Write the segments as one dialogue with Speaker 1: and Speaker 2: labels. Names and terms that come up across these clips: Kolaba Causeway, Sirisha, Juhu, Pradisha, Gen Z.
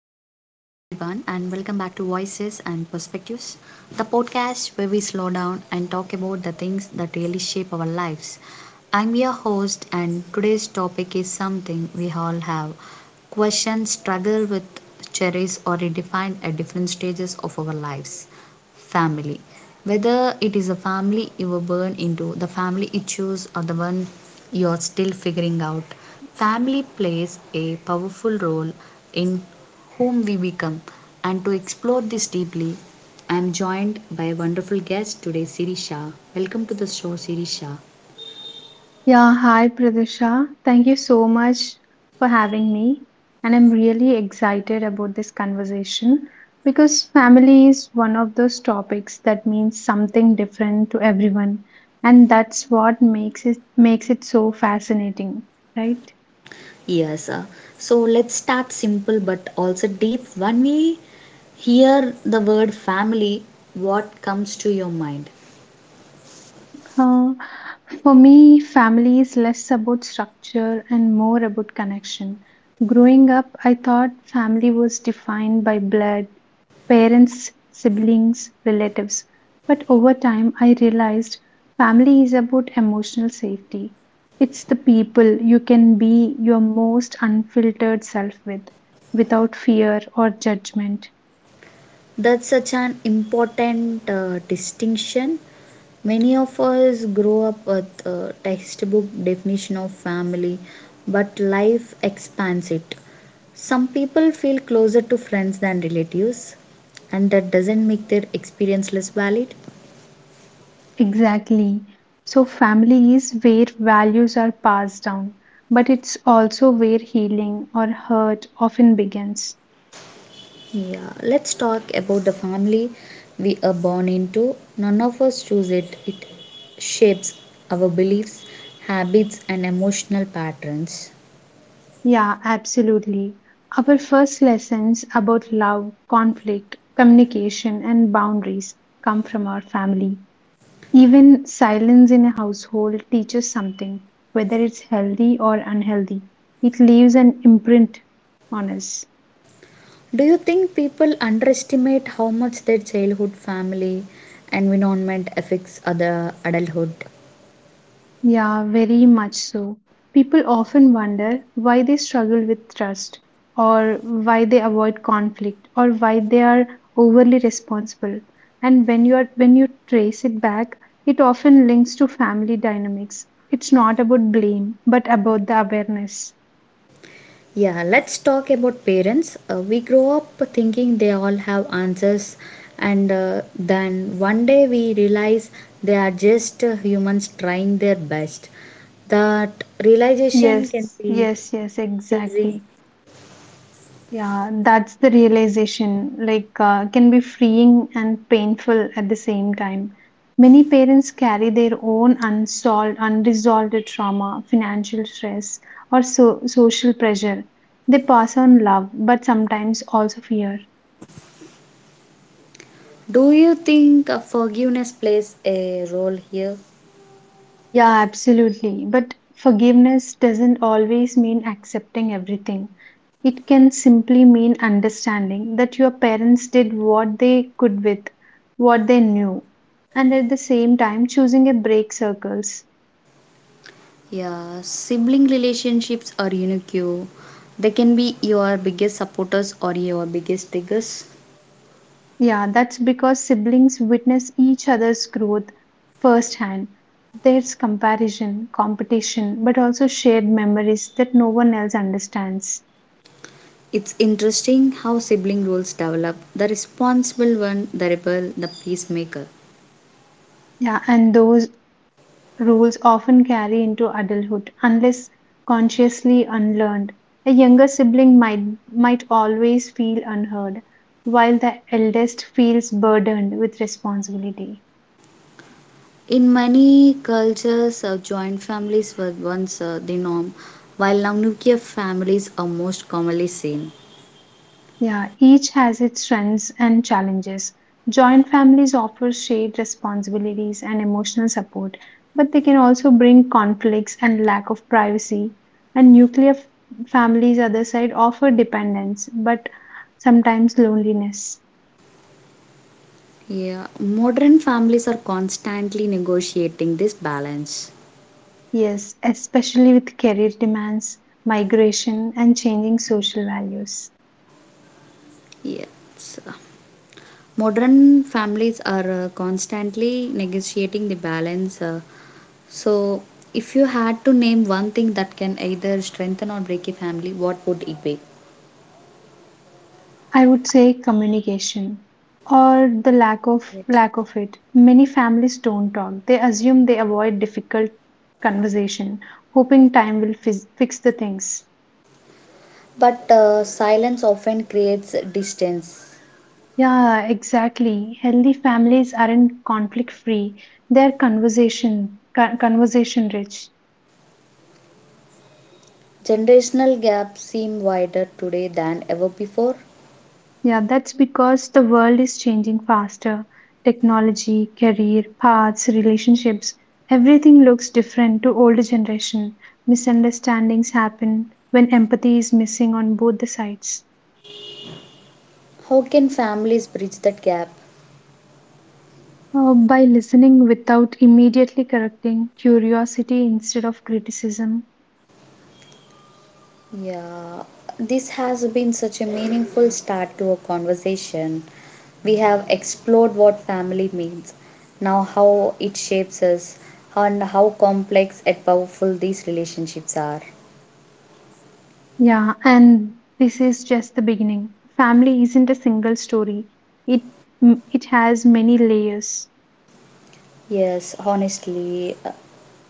Speaker 1: and welcome back to Voices and Perspectives, the podcast where we slow down and talk about the things that really shape our lives. I'm your host, and today's topic is something we all have questioned, struggle with, cherish, or redefined at different stages of our lives. Family, whether it is the family you were born into, the family you choose, or the one you are still figuring out, family plays a powerful role in whom we become. And to explore this deeply, I am joined by a wonderful guest today, Sirisha. Welcome to the show, Sirisha.
Speaker 2: Yeah, hi Pradisha. Thank you so much for having me. And I'm really excited about this conversation because family is one of those topics that means something different to everyone. And that's what makes it so fascinating, right?
Speaker 1: Yes, sir. So let's start simple but also deep. When we hear the word family, what comes to your mind?
Speaker 2: For me, family is less about structure and more about connection. Growing up, I thought family was defined by blood, parents, siblings, relatives. But over time, I realized family is about emotional safety. It's the people you can be your most unfiltered self with without fear or judgment.
Speaker 1: That's such an important distinction. Many of us grow up with a textbook definition of family, but life expands it. Some people feel closer to friends than relatives, and that doesn't make their experience less valid.
Speaker 2: Exactly. So, family is where values are passed down, but it's also where healing or hurt often begins.
Speaker 1: Yeah, let's talk about the family we are born into. None of us choose it. It shapes our beliefs, habits, and emotional patterns.
Speaker 2: Yeah, absolutely. Our first lessons about love, conflict, communication, and boundaries come from our family. Even silence in a household teaches something, whether it's healthy or unhealthy. It leaves an imprint on us.
Speaker 1: Do you think people underestimate how much their childhood family environment affects other adulthood?
Speaker 2: Yeah, very much so. People often wonder why they struggle with trust, or why they avoid conflict, or why they are overly responsible. And when you trace it back, it often links to family dynamics. It's not about blame, but about the awareness.
Speaker 1: Yeah, let's talk about parents. We grow up thinking they all have answers, and then one day we realize they are just humans trying their best. That realization can
Speaker 2: Yes,
Speaker 1: be
Speaker 2: yes, yes,
Speaker 1: freezing.
Speaker 2: exactly. Yeah, that's the realization, like, can be freeing and painful at the same time. Many parents carry their own unresolved trauma, financial stress, or so social pressure. They pass on love, but sometimes also fear.
Speaker 1: Do you think forgiveness plays a role here?
Speaker 2: Yeah, absolutely. But forgiveness doesn't always mean accepting everything. It can simply mean understanding that your parents did what they could with what they knew, and at the same time choosing a break circles.
Speaker 1: Yeah, sibling relationships are unique. They can be your biggest supporters or your biggest diggers.
Speaker 2: Yeah, that's because siblings witness each other's growth firsthand. There's comparison, competition, but also shared memories that no one else understands.
Speaker 1: It's interesting how sibling roles develop: the responsible one, the rebel, the peacemaker.
Speaker 2: Yeah, and those rules often carry into adulthood unless consciously unlearned. A younger sibling might always feel unheard, while the eldest feels burdened with responsibility.
Speaker 1: In many cultures, joint families were once the norm, while now nuclear families are most commonly seen.
Speaker 2: Yeah, each has its strengths and challenges. Joint families offer shared responsibilities and emotional support, but they can also bring conflicts and lack of privacy. And nuclear families, other side, offer dependence, but sometimes loneliness.
Speaker 1: Yeah, modern families are constantly negotiating this balance.
Speaker 2: Yes, especially with career demands, migration, and changing social values.
Speaker 1: Yeah. so- Modern families are constantly negotiating the balance. So, if you had to name one thing that can either strengthen or break a family, what would it be?
Speaker 2: I would say communication or the lack of it. Many families don't talk. They assume they avoid difficult conversation, hoping time will fix the things.
Speaker 1: But silence often creates distance.
Speaker 2: Yeah, exactly. Healthy families aren't conflict free. They're conversation rich.
Speaker 1: Generational gaps seem wider today than ever before.
Speaker 2: Yeah, that's because the world is changing faster. Technology, career, paths, relationships, everything looks different to older generation. Misunderstandings happen when empathy is missing on both the sides.
Speaker 1: How can families bridge that gap?
Speaker 2: By listening without immediately correcting, curiosity instead of criticism.
Speaker 1: Yeah, this has been such a meaningful start to a conversation. We have explored what family means, now how it shapes us, and how complex and powerful these relationships are.
Speaker 2: Yeah, and this is just the beginning. Family isn't a single story. It it has many layers.
Speaker 1: Yes, honestly,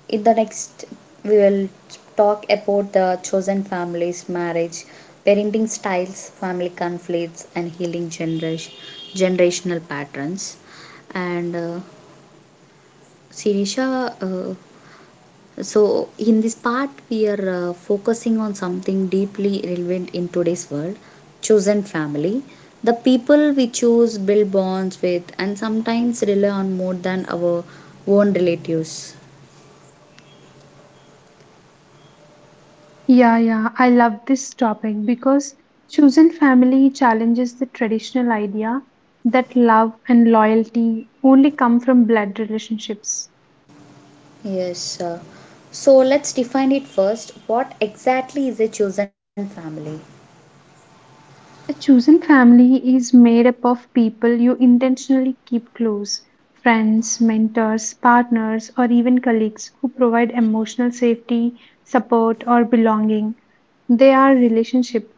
Speaker 1: in the next, we will talk about the chosen families, marriage, parenting styles, family conflicts, and healing generational patterns. And Sirisha, uh, So, in this part, we are focusing on something deeply relevant in today's world: chosen family. The people we choose build bonds with and sometimes rely on more than our own relatives.
Speaker 2: Yeah, yeah, I love this topic because chosen family challenges the traditional idea that love and loyalty only come from blood relationships.
Speaker 1: Yes. So, let's define it first. What exactly is a chosen family?
Speaker 2: A chosen family is made up of people you intentionally keep close friends, mentors, partners, or even colleagues who provide emotional safety, support, or belonging. They are relationship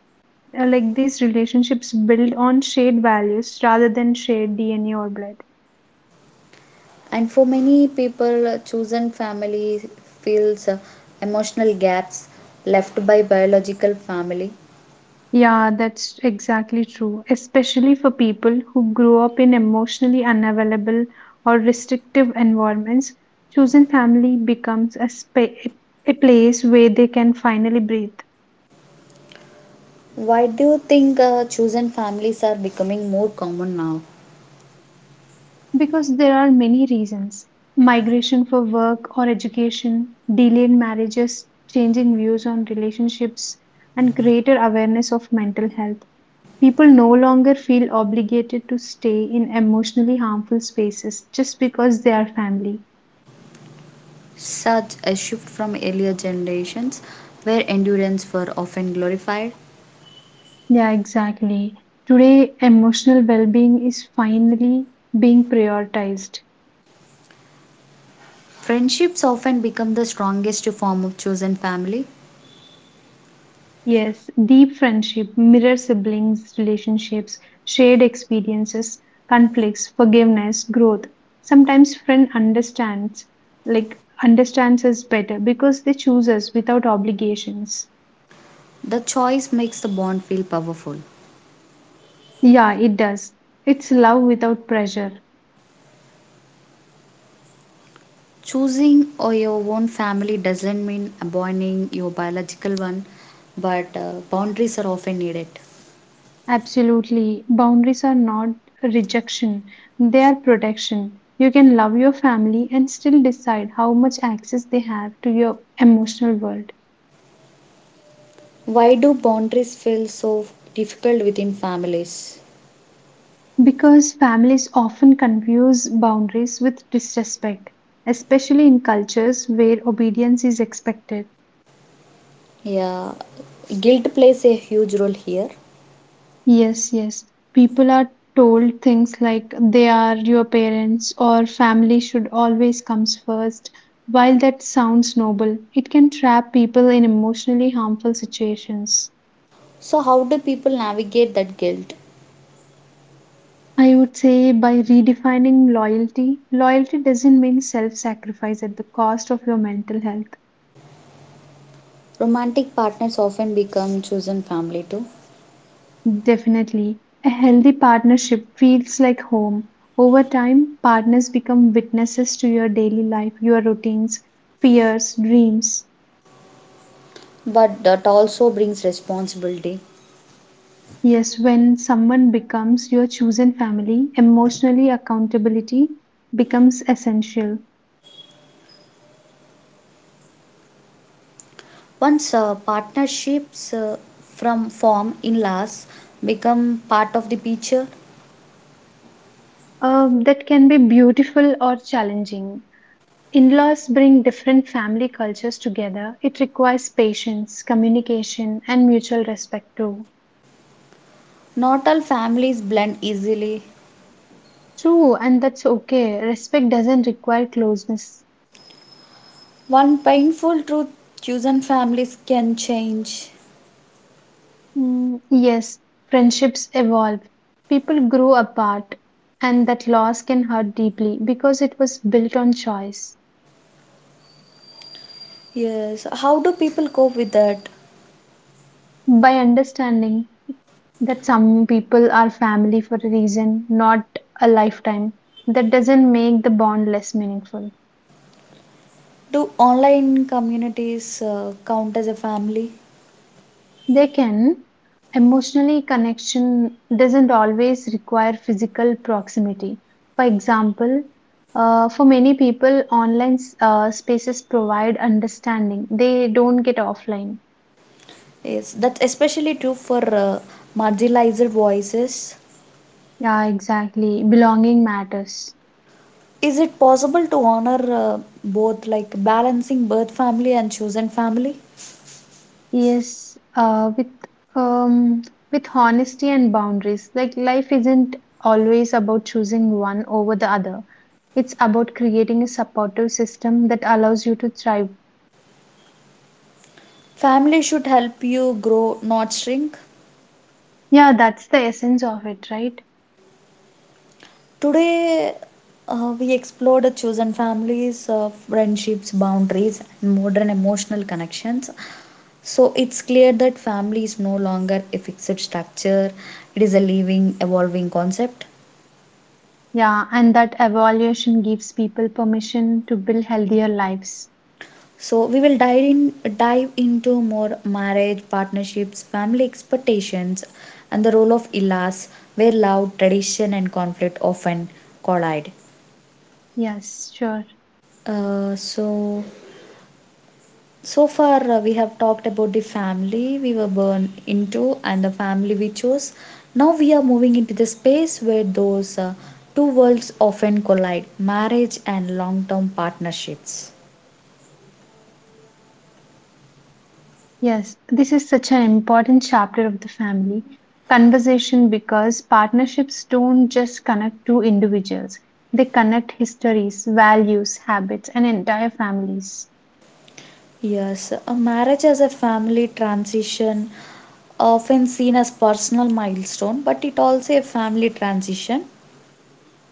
Speaker 2: like these relationships build on shared values rather than shared DNA or blood.
Speaker 1: And for many people, chosen family fills emotional gaps left by biological family.
Speaker 2: Yeah, that's exactly true, especially for people who grow up in emotionally unavailable or restrictive environments. Chosen family becomes a place where they can finally breathe.
Speaker 1: Why do you think chosen families are becoming more common now?
Speaker 2: Because there are many reasons migration for work or education, delayed marriages, changing views on relationships, and greater awareness of mental health. People no longer feel obligated to stay in emotionally harmful spaces just because they are family.
Speaker 1: Such a shift from earlier generations where endurance were often glorified.
Speaker 2: Yeah, exactly. Today, emotional well being is finally being prioritized.
Speaker 1: Friendships often become the strongest form of chosen family.
Speaker 2: Yes, deep friendship, mirror siblings, relationships, shared experiences, conflicts, forgiveness, growth. Sometimes friend understands, like understands us better because they choose us without obligations.
Speaker 1: The choice makes the bond feel powerful.
Speaker 2: Yeah, it does. It's love without pressure.
Speaker 1: Choosing or your own family doesn't mean abandoning your biological one, but boundaries are often needed.
Speaker 2: Absolutely. Boundaries are not rejection, they are protection. You can love your family and still decide how much access they have to your emotional world.
Speaker 1: Why do boundaries feel so difficult within families?
Speaker 2: Because families often confuse boundaries with disrespect, especially in cultures where obedience is expected.
Speaker 1: Yeah, guilt plays a huge role here.
Speaker 2: Yes, yes. People are told things like they are your parents or family should always comes first. While that sounds noble, it can trap people in emotionally harmful situations.
Speaker 1: So, how do people navigate that guilt?
Speaker 2: I would say by redefining loyalty, loyalty doesn't mean self sacrifice at the cost of your mental health.
Speaker 1: Romantic partners often become chosen family too,
Speaker 2: Definitely. A healthy partnership feels like home. Over time, partners become witnesses to your daily life, your routines, fears, dreams.
Speaker 1: but that also brings responsibility.
Speaker 2: Yes, when someone becomes your chosen family, emotionally accountability becomes essential.
Speaker 1: Once partnerships from form in laws become part of the picture,
Speaker 2: That can be beautiful or challenging. In laws bring different family cultures together. It requires patience, communication, and mutual respect too.
Speaker 1: not all families blend easily.
Speaker 2: True, and that's okay. Respect doesn't require closeness.
Speaker 1: One painful truth: chosen families can change.
Speaker 2: Mm, yes, friendships evolve. People grow apart, and that loss can hurt deeply because it was built on choice.
Speaker 1: Yes, how do people cope with that?
Speaker 2: By understanding that some people are family for a reason, not a lifetime, that doesn't make the bond less meaningful.
Speaker 1: Do online communities count as a family?
Speaker 2: They can. Emotionally, connection doesn't always require physical proximity. For example, for many people, online spaces provide understanding. They don't get offline.
Speaker 1: Yes, that's especially true for marginalized voices.
Speaker 2: Yeah, exactly. Belonging matters.
Speaker 1: Is it possible to honor both, like balancing birth family and chosen family?
Speaker 2: Yes, um, with honesty and boundaries. Like life isn't always about choosing one over the other. It's about creating a supportive system that allows you to thrive.
Speaker 1: Family should help you grow, not shrink.
Speaker 2: Yeah, that's the essence of it, right?
Speaker 1: Today, we explored chosen families, friendships, boundaries, and modern emotional connections. So, it's clear that family is no longer a fixed structure, it is a living, evolving concept.
Speaker 2: Yeah, and that evaluation gives people permission to build healthier lives.
Speaker 1: So, we will dive into more marriage, partnerships, family expectations, and the role of ILAs, where love, tradition, and conflict often collide.
Speaker 2: Yes, sure.
Speaker 1: Uh, so, So far, we have talked about the family we were born into and the family we chose. Now we are moving into the space where those two worlds often collide: marriage and long term partnerships.
Speaker 2: Yes, this is such an important chapter of the family conversation because partnerships don't just connect two individuals, they connect histories, values, habits, and entire families.
Speaker 1: Yes, a marriage as a family transition, often seen as personal milestone, but it also a family transition.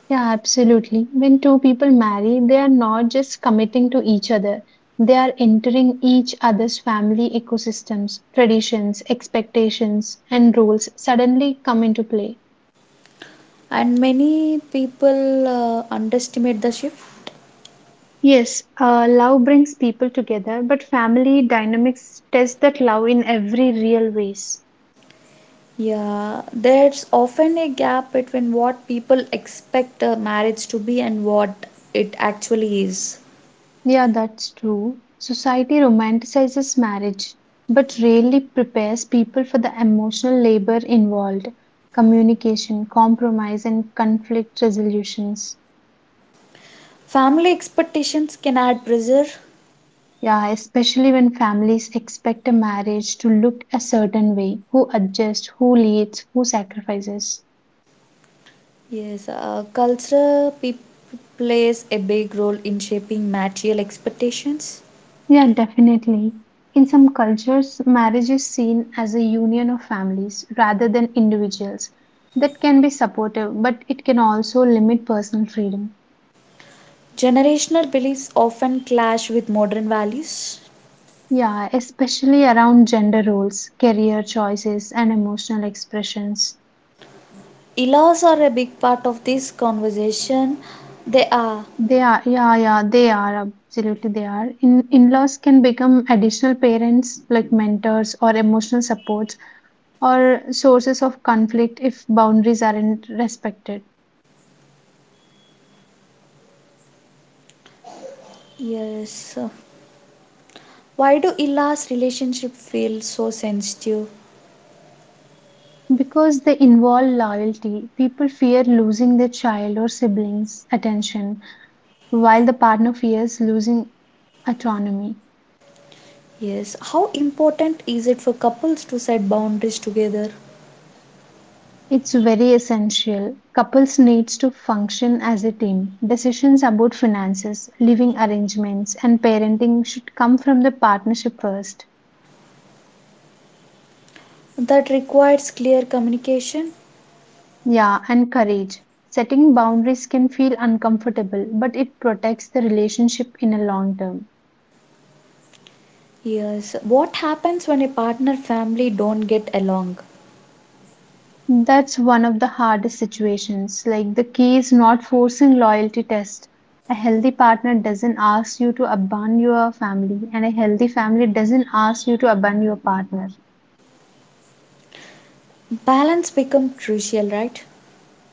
Speaker 2: Yeah, absolutely. When two people marry, they are not just committing to each other, they are entering each other's family ecosystems, traditions, expectations, and roles suddenly come into play.
Speaker 1: And many people underestimate the shift.
Speaker 2: Yes, love brings people together, but family dynamics test that love in every real ways.
Speaker 1: Yeah, there's often a gap between what people expect a marriage to be and what it actually is.
Speaker 2: Yeah, that's true. Society romanticizes marriage, but rarely prepares people for the emotional labor involved, communication, compromise, and conflict resolutions.
Speaker 1: Family expectations can add pressure.
Speaker 2: Yeah, especially when families expect a marriage to look a certain way, who adjusts, who leads, who sacrifices.
Speaker 1: Yes, culture plays a big role in shaping material expectations.
Speaker 2: Yeah, definitely. In some cultures, marriage is seen as a union of families rather than individuals. That can be supportive, but it can also limit personal freedom.
Speaker 1: Generational beliefs often clash with modern values.
Speaker 2: Yeah, especially around gender roles, career choices, and emotional expressions.
Speaker 1: Laws are a big part of this conversation. They are.
Speaker 2: They are, yeah, yeah, they are, absolutely they are. In laws can become additional parents, like mentors or emotional supports, or sources of conflict if boundaries aren't respected.
Speaker 1: Yes. Why do Ila's relationship feel so sensitive?
Speaker 2: Because they involve loyalty, people fear losing their child or siblings' attention, while the partner fears losing autonomy.
Speaker 1: Yes, how important is it for couples to set boundaries together?
Speaker 2: It's very essential. Couples needs to function as a team. Decisions about finances, living arrangements, and parenting should come from the partnership first.
Speaker 1: That requires clear communication.
Speaker 2: Yeah, and courage. Setting boundaries can feel uncomfortable, but it protects the relationship in a long term.
Speaker 1: Yes, what happens when a partner family don't get along?
Speaker 2: That's one of the hardest situations. Like the key is not forcing loyalty test. A healthy partner doesn't ask you to abandon your family, and a healthy family doesn't ask you to abandon your partner.
Speaker 1: Balance becomes crucial, right?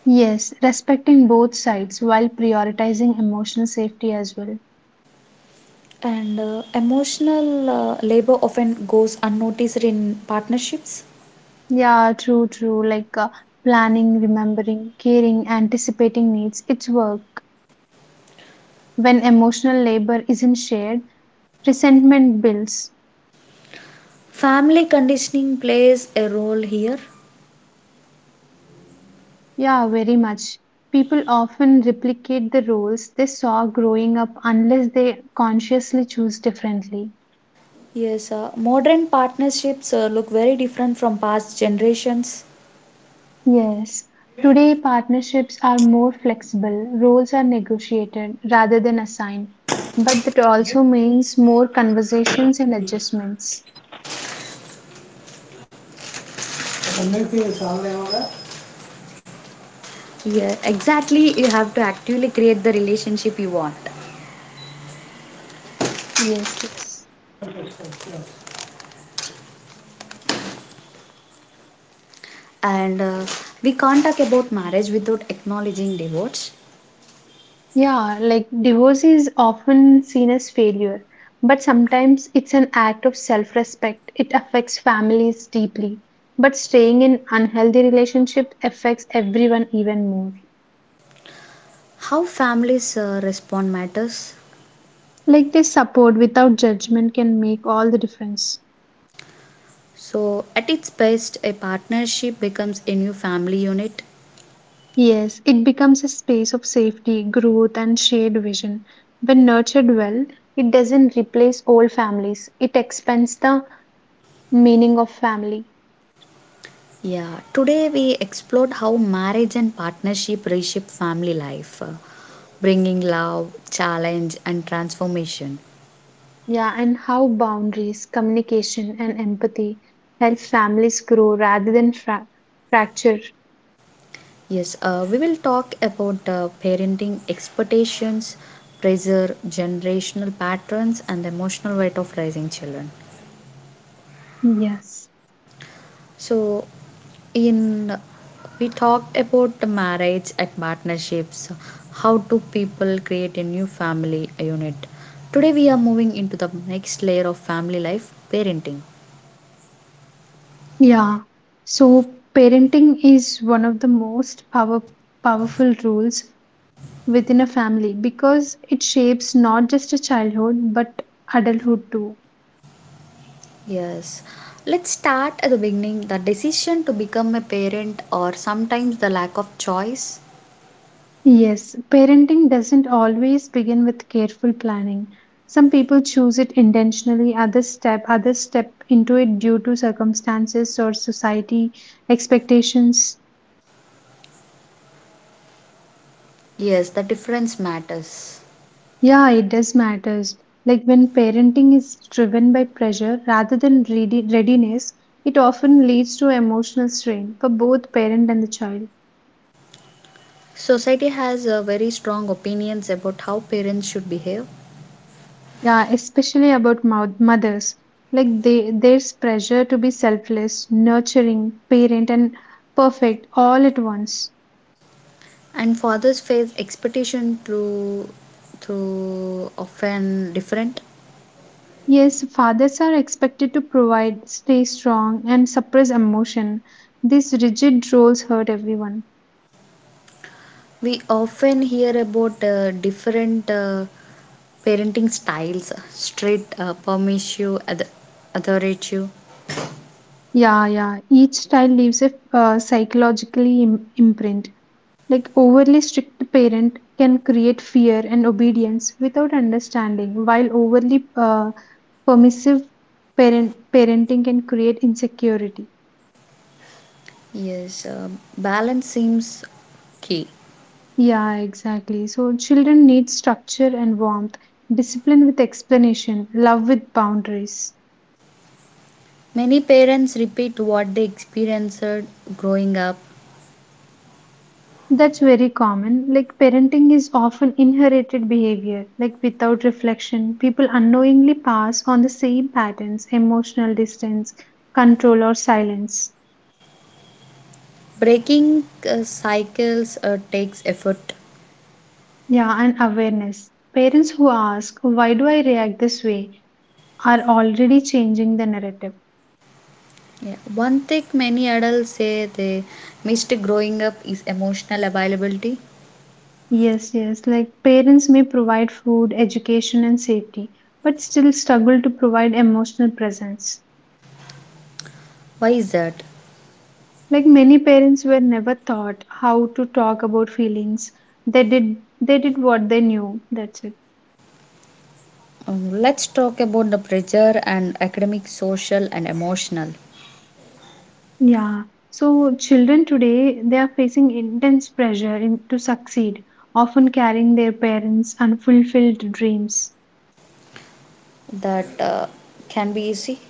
Speaker 2: Yes, respecting both sides while prioritizing emotional safety as well.
Speaker 1: And emotional labor often goes unnoticed in partnerships.
Speaker 2: Yeah, true, true. Like planning, remembering, caring, anticipating needs. It's work. When emotional labor isn't shared, resentment builds.
Speaker 1: Family conditioning plays a role here.
Speaker 2: Yeah, very much. People often replicate the roles they saw growing up unless they consciously choose differently.
Speaker 1: Yes, modern partnerships look very different from past generations.
Speaker 2: Yes, today partnerships are more flexible, roles are negotiated rather than assigned, but that also means more conversations and adjustments.
Speaker 1: Yeah, exactly. You have to actively create the relationship you want.
Speaker 2: Yes, yes.
Speaker 1: And we can't talk about marriage without acknowledging divorce.
Speaker 2: Yeah, like divorce is often seen as failure, but sometimes it's an act of self respect. It affects families deeply, but staying in unhealthy relationship affects everyone even more.
Speaker 1: How families respond matters.
Speaker 2: Like this support without judgment can make all the difference.
Speaker 1: So, at its best, a partnership becomes a new family unit.
Speaker 2: Yes, it becomes a space of safety, growth, and shared vision. When nurtured well, it doesn't replace old families, it expands the meaning of family.
Speaker 1: Yeah, today we explored how marriage and partnership reshape family life, bringing love, challenge, and transformation.
Speaker 2: Yeah, and how boundaries, communication, and empathy help families grow rather than fracture.
Speaker 1: Yes, we will talk about parenting expectations, pressure, generational patterns, and the emotional weight of raising children.
Speaker 2: Yes.
Speaker 1: So, in we talked about the marriage and partnerships. How do people create a new family unit? Today, we are moving into the next layer of family life: parenting.
Speaker 2: Yeah. So parenting is one of the most powerful rules within a family because it shapes not just a childhood but adulthood too.
Speaker 1: Yes. Let's start at the beginning: the decision to become a parent, or sometimes the lack of choice.
Speaker 2: Yes, parenting doesn't always begin with careful planning. Some people choose it intentionally, others step into it due to circumstances or society expectations.
Speaker 1: Yes, the difference matters.
Speaker 2: Yeah, it does matters. Like when parenting is driven by pressure rather than readiness, it often leads to emotional strain for both parent and the child.
Speaker 1: Society has very strong opinions about how parents should behave,
Speaker 2: Yeah, especially about mothers. Like there's pressure to be selfless, nurturing, parent, and perfect all at once.
Speaker 1: and fathers face expectation through often different.
Speaker 2: Yes, fathers are expected to provide, stay strong, and suppress emotion. These rigid roles hurt everyone.
Speaker 1: We often hear about different parenting styles: strict, permissive, authoritative.
Speaker 2: Yeah, yeah. Each style leaves a psychologically imprint. Like overly strict parent can create fear and obedience without understanding, while overly permissive parenting can create insecurity.
Speaker 1: Yes, balance seems key.
Speaker 2: Yeah, exactly. So children need structure and warmth, discipline with explanation, love with boundaries.
Speaker 1: Many parents repeat what they experienced growing up.
Speaker 2: That's very common. Like parenting is often inherited behavior, like without reflection people unknowingly pass on the same patterns, emotional distance, control, or silence.
Speaker 1: Breaking cycles takes effort.
Speaker 2: Yeah, and awareness. Parents who ask, why do I react this way, are already changing the narrative.
Speaker 1: Yeah. One thing many adults say they missed growing up is emotional availability.
Speaker 2: Yes, yes. Like parents may provide food, education, and safety, but still struggle to provide emotional presence.
Speaker 1: Why is that?
Speaker 2: Like many parents were never taught how to talk about feelings. They did what they knew. That's it.
Speaker 1: Let's talk about the pressure and academic, social, and emotional.
Speaker 2: Yeah. So children today they are facing intense pressure to succeed, often carrying their parents' unfulfilled dreams.
Speaker 1: That can be easy.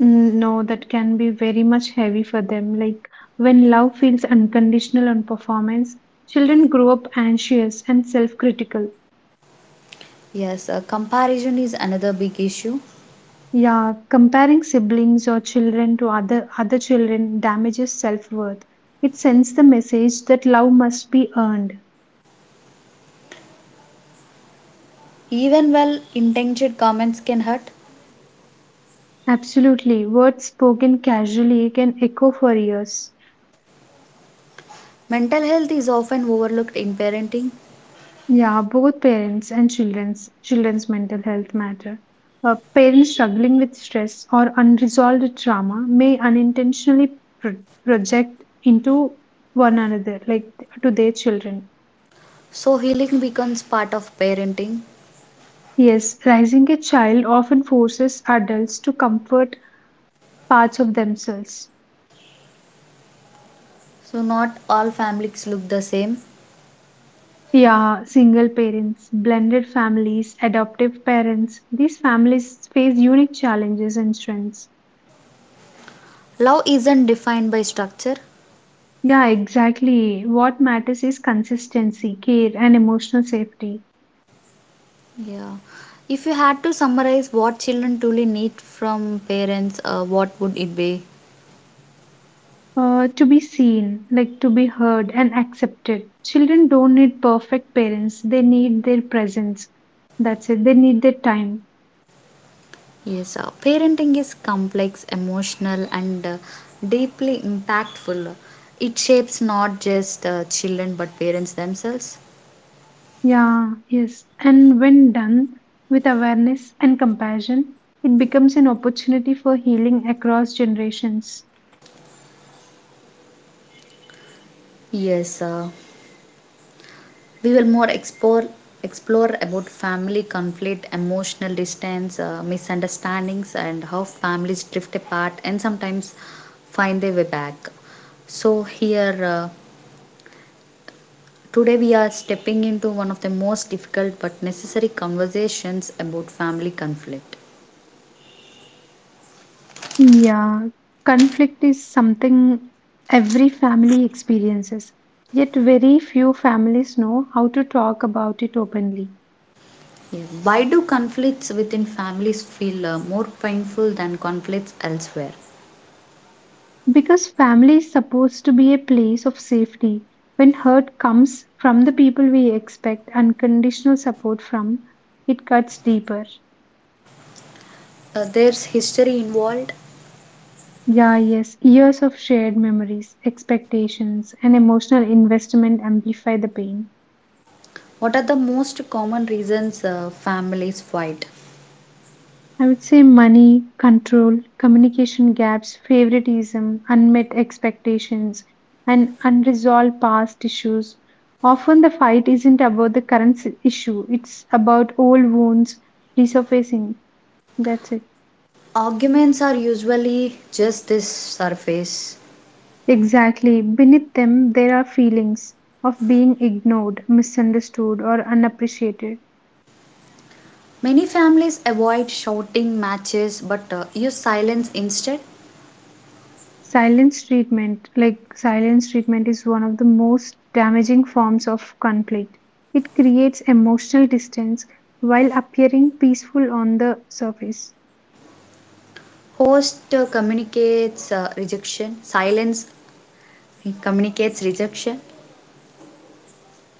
Speaker 2: Mm, no, that can be very much heavy for them. Like when love feels unconditional on performance, children grow up anxious and self-critical.
Speaker 1: Yes, comparison is another big issue.
Speaker 2: Yeah, comparing siblings or children to other children damages self-worth. It sends the message that love must be earned.
Speaker 1: Even well intentioned comments can hurt.
Speaker 2: Absolutely, words spoken casually can echo for years.
Speaker 1: Mental health is often overlooked in parenting,
Speaker 2: Yeah, both parents and children's mental health matter. Parents struggling with stress or unresolved trauma may unintentionally project into one another, like to their children.
Speaker 1: so healing becomes part of parenting.
Speaker 2: Yes, raising a child often forces adults to comfort parts of themselves.
Speaker 1: So not all families look the same.
Speaker 2: Yeah, single parents, blended families, adoptive parents, these families face unique challenges and strengths.
Speaker 1: Love isn't defined by structure.
Speaker 2: Yeah, exactly. What matters is consistency, care, and emotional safety.
Speaker 1: Yeah. If you had to summarize what children truly need from parents, what would it be?
Speaker 2: To be seen, like to be heard and accepted. Children don't need perfect parents, they need their presence. That's it, they need their time.
Speaker 1: Yes, parenting is complex, emotional, and deeply impactful. It shapes not just children but parents themselves.
Speaker 2: Yeah, yes. And when done with awareness and compassion, it becomes an opportunity for healing across generations.
Speaker 1: Yes, we will more explore about family conflict, emotional distance, misunderstandings, and how families drift apart and sometimes find their way back. So here, today we are stepping into one of the most difficult but necessary conversations about family conflict.
Speaker 2: Yeah, conflict is something every family experiences, yet very few families know how to talk about it openly.
Speaker 1: Here, why do conflicts within families feel more painful than conflicts elsewhere?
Speaker 2: Because family is supposed to be a place of safety. When hurt comes from the people we expect unconditional support from, it cuts deeper.
Speaker 1: There's history involved.
Speaker 2: Yeah, yes, years of shared memories, expectations, and emotional investment amplify the pain.
Speaker 1: What are the most common reasons families fight?
Speaker 2: I would say money, control, communication gaps, favoritism, unmet expectations, and unresolved past issues. Often the fight isn't about the issue, it's about old wounds resurfacing. That's it.
Speaker 1: Arguments are usually just this surface.
Speaker 2: Exactly. Beneath them, there are feelings of being ignored, misunderstood, or unappreciated.
Speaker 1: Many families avoid shouting matches but use silence instead.
Speaker 2: Silence treatment, is one of the most damaging forms of conflict. It creates emotional distance while appearing peaceful on the surface.
Speaker 1: Host silence communicates rejection.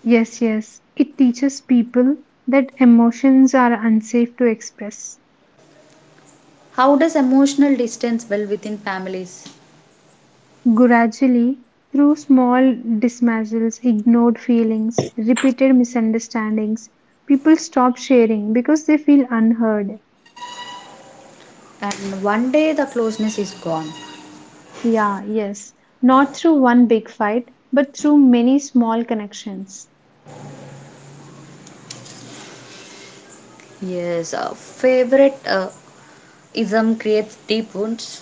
Speaker 2: Yes, yes, it teaches people that emotions are unsafe to express.
Speaker 1: How does emotional distance well within families?
Speaker 2: Gradually, through small dismissals, ignored feelings, repeated misunderstandings, people stop sharing because they feel unheard.
Speaker 1: And one day the closeness is gone.
Speaker 2: Yeah, yes. Not through one big fight, but through many small connections.
Speaker 1: Yes, favorite ism creates deep wounds.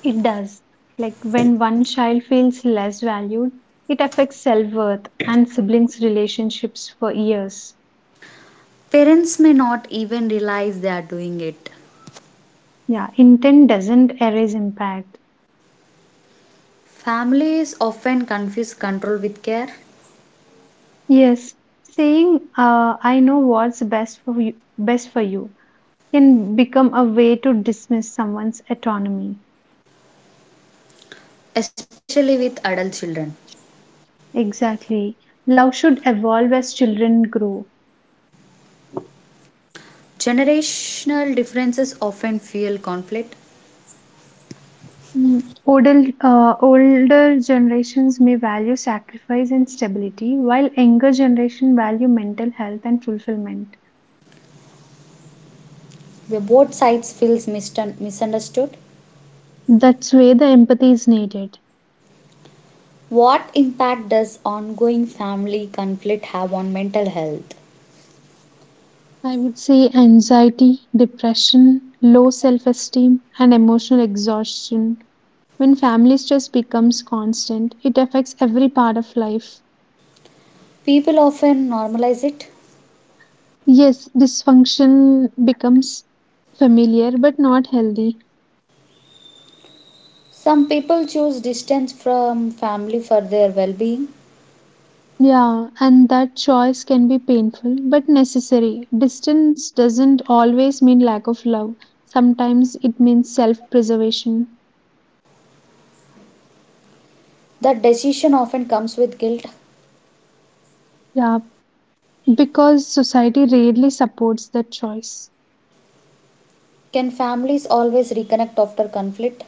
Speaker 2: It does. Like when one child feels less valued, it affects self-worth and siblings' relationships for years.
Speaker 1: Parents may not even realize they are doing it.
Speaker 2: Yeah, intent doesn't erase impact.
Speaker 1: Families often confuse control with care,
Speaker 2: Yes, saying, I know what's best for you, can become a way to dismiss someone's autonomy.
Speaker 1: especially with adult children.
Speaker 2: Exactly. Love should evolve as children grow.
Speaker 1: Generational differences often fuel conflict,
Speaker 2: Mm. Odel, Older generations may value sacrifice and stability, while younger generation value mental health and fulfillment.
Speaker 1: where both sides feels misunderstood.
Speaker 2: That's where the empathy is needed.
Speaker 1: What impact does ongoing family conflict have on mental health?
Speaker 2: I would say anxiety, depression, low self esteem, and emotional exhaustion. When family stress becomes constant, it affects every part of life.
Speaker 1: People often normalize it.
Speaker 2: Yes, dysfunction becomes familiar but not healthy.
Speaker 1: Some people choose distance from family for their well-being.
Speaker 2: Yeah, and that choice can be painful but necessary. Distance doesn't always mean lack of love, sometimes it means self preservation.
Speaker 1: That decision often comes with guilt.
Speaker 2: Yeah, because society rarely supports that choice.
Speaker 1: Can families always reconnect after conflict?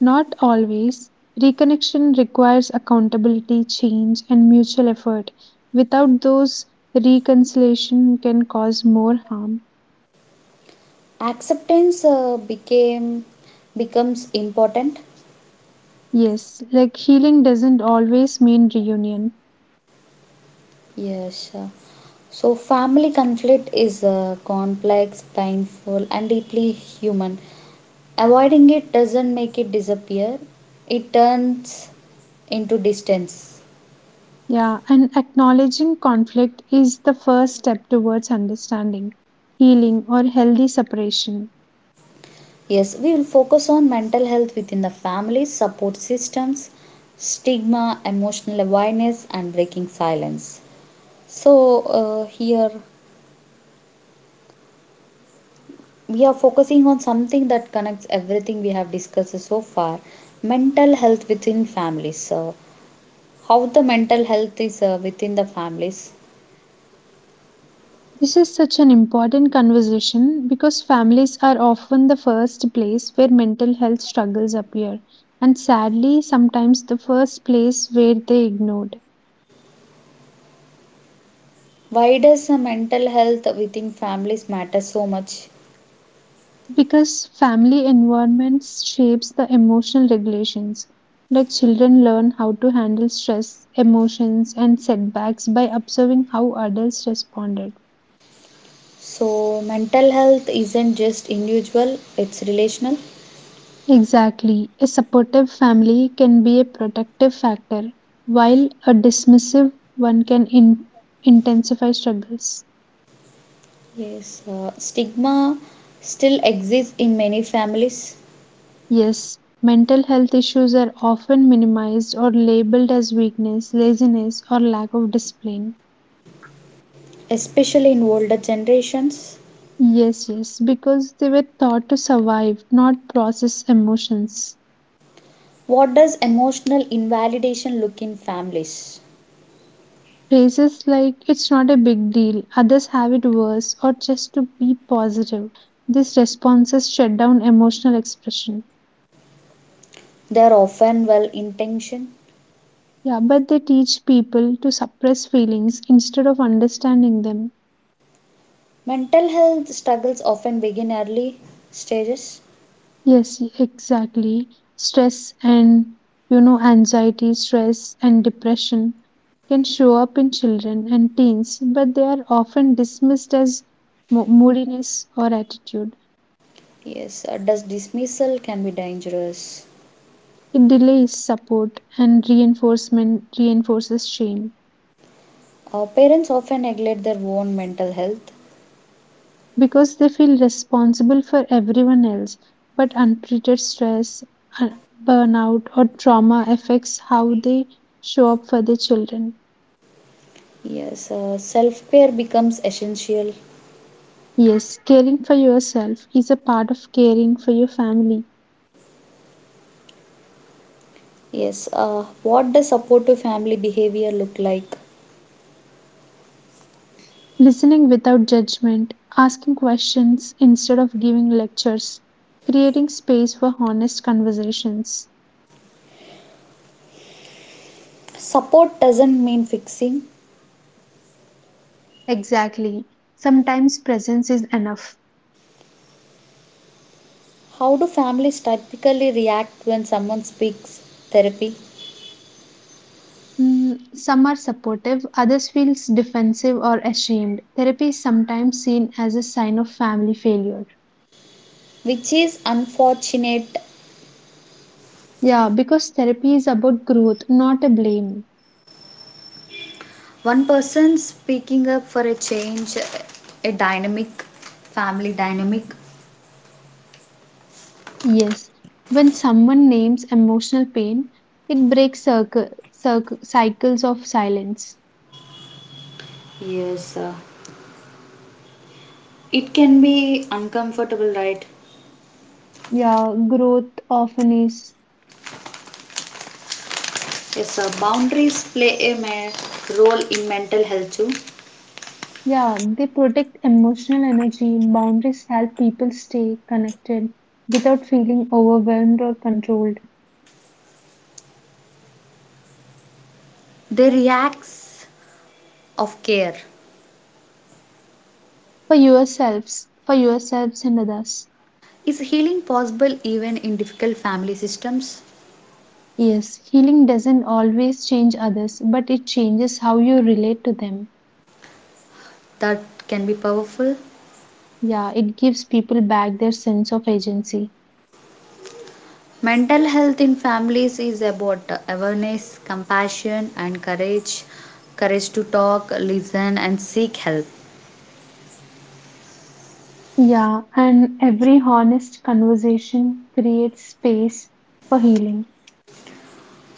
Speaker 2: Not always. Reconnection requires accountability, change, and mutual effort. Without those, reconciliation can cause more harm.
Speaker 1: Acceptance became becomes important.
Speaker 2: Yes, like healing doesn't always mean reunion.
Speaker 1: Yes, so family conflict is complex, painful, and deeply human. Avoiding it doesn't make it disappear, it turns into distance.
Speaker 2: Yeah, and acknowledging conflict is the first step towards understanding, healing, or healthy separation.
Speaker 1: Yes, we will focus on mental health within the family, support systems, stigma, emotional awareness, and breaking silence. So, here we are focusing on something that connects everything we have discussed so far: mental health within families. So, how the mental health is within the families?
Speaker 2: This is such an important conversation because families are often the first place where mental health struggles appear, and sadly, sometimes the first place where they ignored.
Speaker 1: Why does mental health within families matter so much?
Speaker 2: Because family environments shapes the emotional regulations, like children learn how to handle stress, emotions, and setbacks by observing how adults responded.
Speaker 1: So, mental health isn't just individual, it's relational.
Speaker 2: Exactly. A supportive family can be a protective factor, while a dismissive one can intensify struggles.
Speaker 1: Yes, stigma still exists in many families,
Speaker 2: Yes, mental health issues are often minimized or labeled as weakness, laziness, or lack of discipline.
Speaker 1: especially in older generations.
Speaker 2: Yes, yes, because they were taught to survive, not process emotions.
Speaker 1: What does emotional invalidation look in families?
Speaker 2: Phrases like, it's not a big deal, others have it worse, or just to be positive. These responses shut down emotional expression.
Speaker 1: They are often well intentioned.
Speaker 2: Yeah, but they teach people to suppress feelings instead of understanding them.
Speaker 1: Mental health struggles often begin early stages.
Speaker 2: Yes, exactly. Stress and, you know, anxiety, Stress and depression can show up in children and teens, but they are often dismissed as moodiness or attitude.
Speaker 1: Yes, does dismissal can be dangerous.
Speaker 2: It delays support and reinforcement reinforces shame.
Speaker 1: Parents often neglect their own mental health.
Speaker 2: Because they feel responsible for everyone else. But untreated stress, burnout, or trauma affects how they show up for their children.
Speaker 1: Yes, self care becomes essential.
Speaker 2: Yes, caring for yourself is a part of caring for your family.
Speaker 1: Yes, what does supportive family behavior look like?
Speaker 2: Listening without judgment, asking questions instead of giving lectures, creating space for honest conversations.
Speaker 1: Support doesn't mean fixing.
Speaker 2: Exactly. Sometimes presence is enough.
Speaker 1: How do families typically react when someone speaks therapy?
Speaker 2: Mm, some are supportive, others feels defensive or ashamed. Therapy is sometimes seen as a sign of family failure.
Speaker 1: Which is unfortunate.
Speaker 2: Yeah, because therapy is about growth, not a blame.
Speaker 1: One person speaking up for a change, a dynamic, family dynamic.
Speaker 2: Yes, when someone names emotional pain, it breaks cycles of silence.
Speaker 1: Yes, it can be uncomfortable, right?
Speaker 2: Yeah, growth often is.
Speaker 1: Yes, boundaries play a role in mental health too.
Speaker 2: Yeah, they protect emotional energy. Boundaries help people stay connected without feeling overwhelmed or controlled.
Speaker 1: Their reacts of care.
Speaker 2: for yourselves, for yourselves, and others.
Speaker 1: Is healing possible even in difficult family systems?
Speaker 2: Yes, healing doesn't always change others, but it changes how you relate to them.
Speaker 1: That can be powerful.
Speaker 2: Yeah, it gives people back their sense of agency.
Speaker 1: Mental health in families is about awareness, compassion, and courage. Courage to talk, listen, and seek help.
Speaker 2: Yeah, and every honest conversation creates space for healing.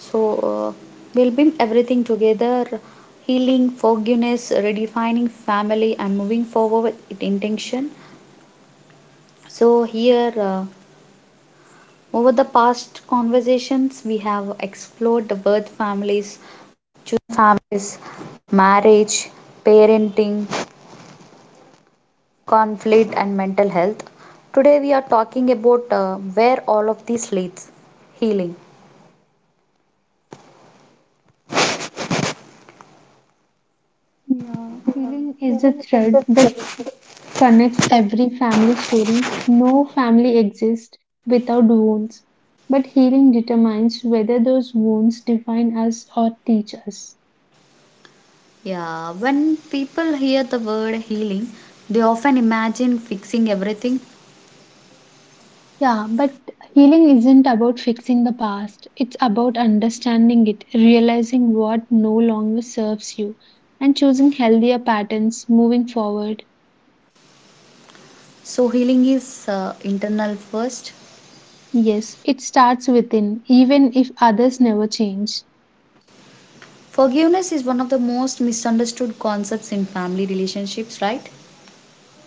Speaker 1: So, uh, we'll bring everything together: healing, forgiveness, redefining family, and moving forward with intention. So, here, over the past conversations, we have explored the birth families, choosing families, marriage, parenting, conflict, and mental health. Today, we are talking about where all of this leads: healing.
Speaker 2: Yeah, healing is the thread that connects every family story. No family exists without wounds, but healing determines whether those wounds define us or teach us.
Speaker 1: Yeah, when people hear the word healing, they often imagine fixing everything.
Speaker 2: Yeah, but healing isn't about fixing the past. It's about understanding it, realizing what no longer serves you, and choosing healthier patterns moving forward.
Speaker 1: So, healing is internal first.
Speaker 2: Yes, it starts within, even if others never change.
Speaker 1: Forgiveness is one of the most misunderstood concepts in family relationships, right?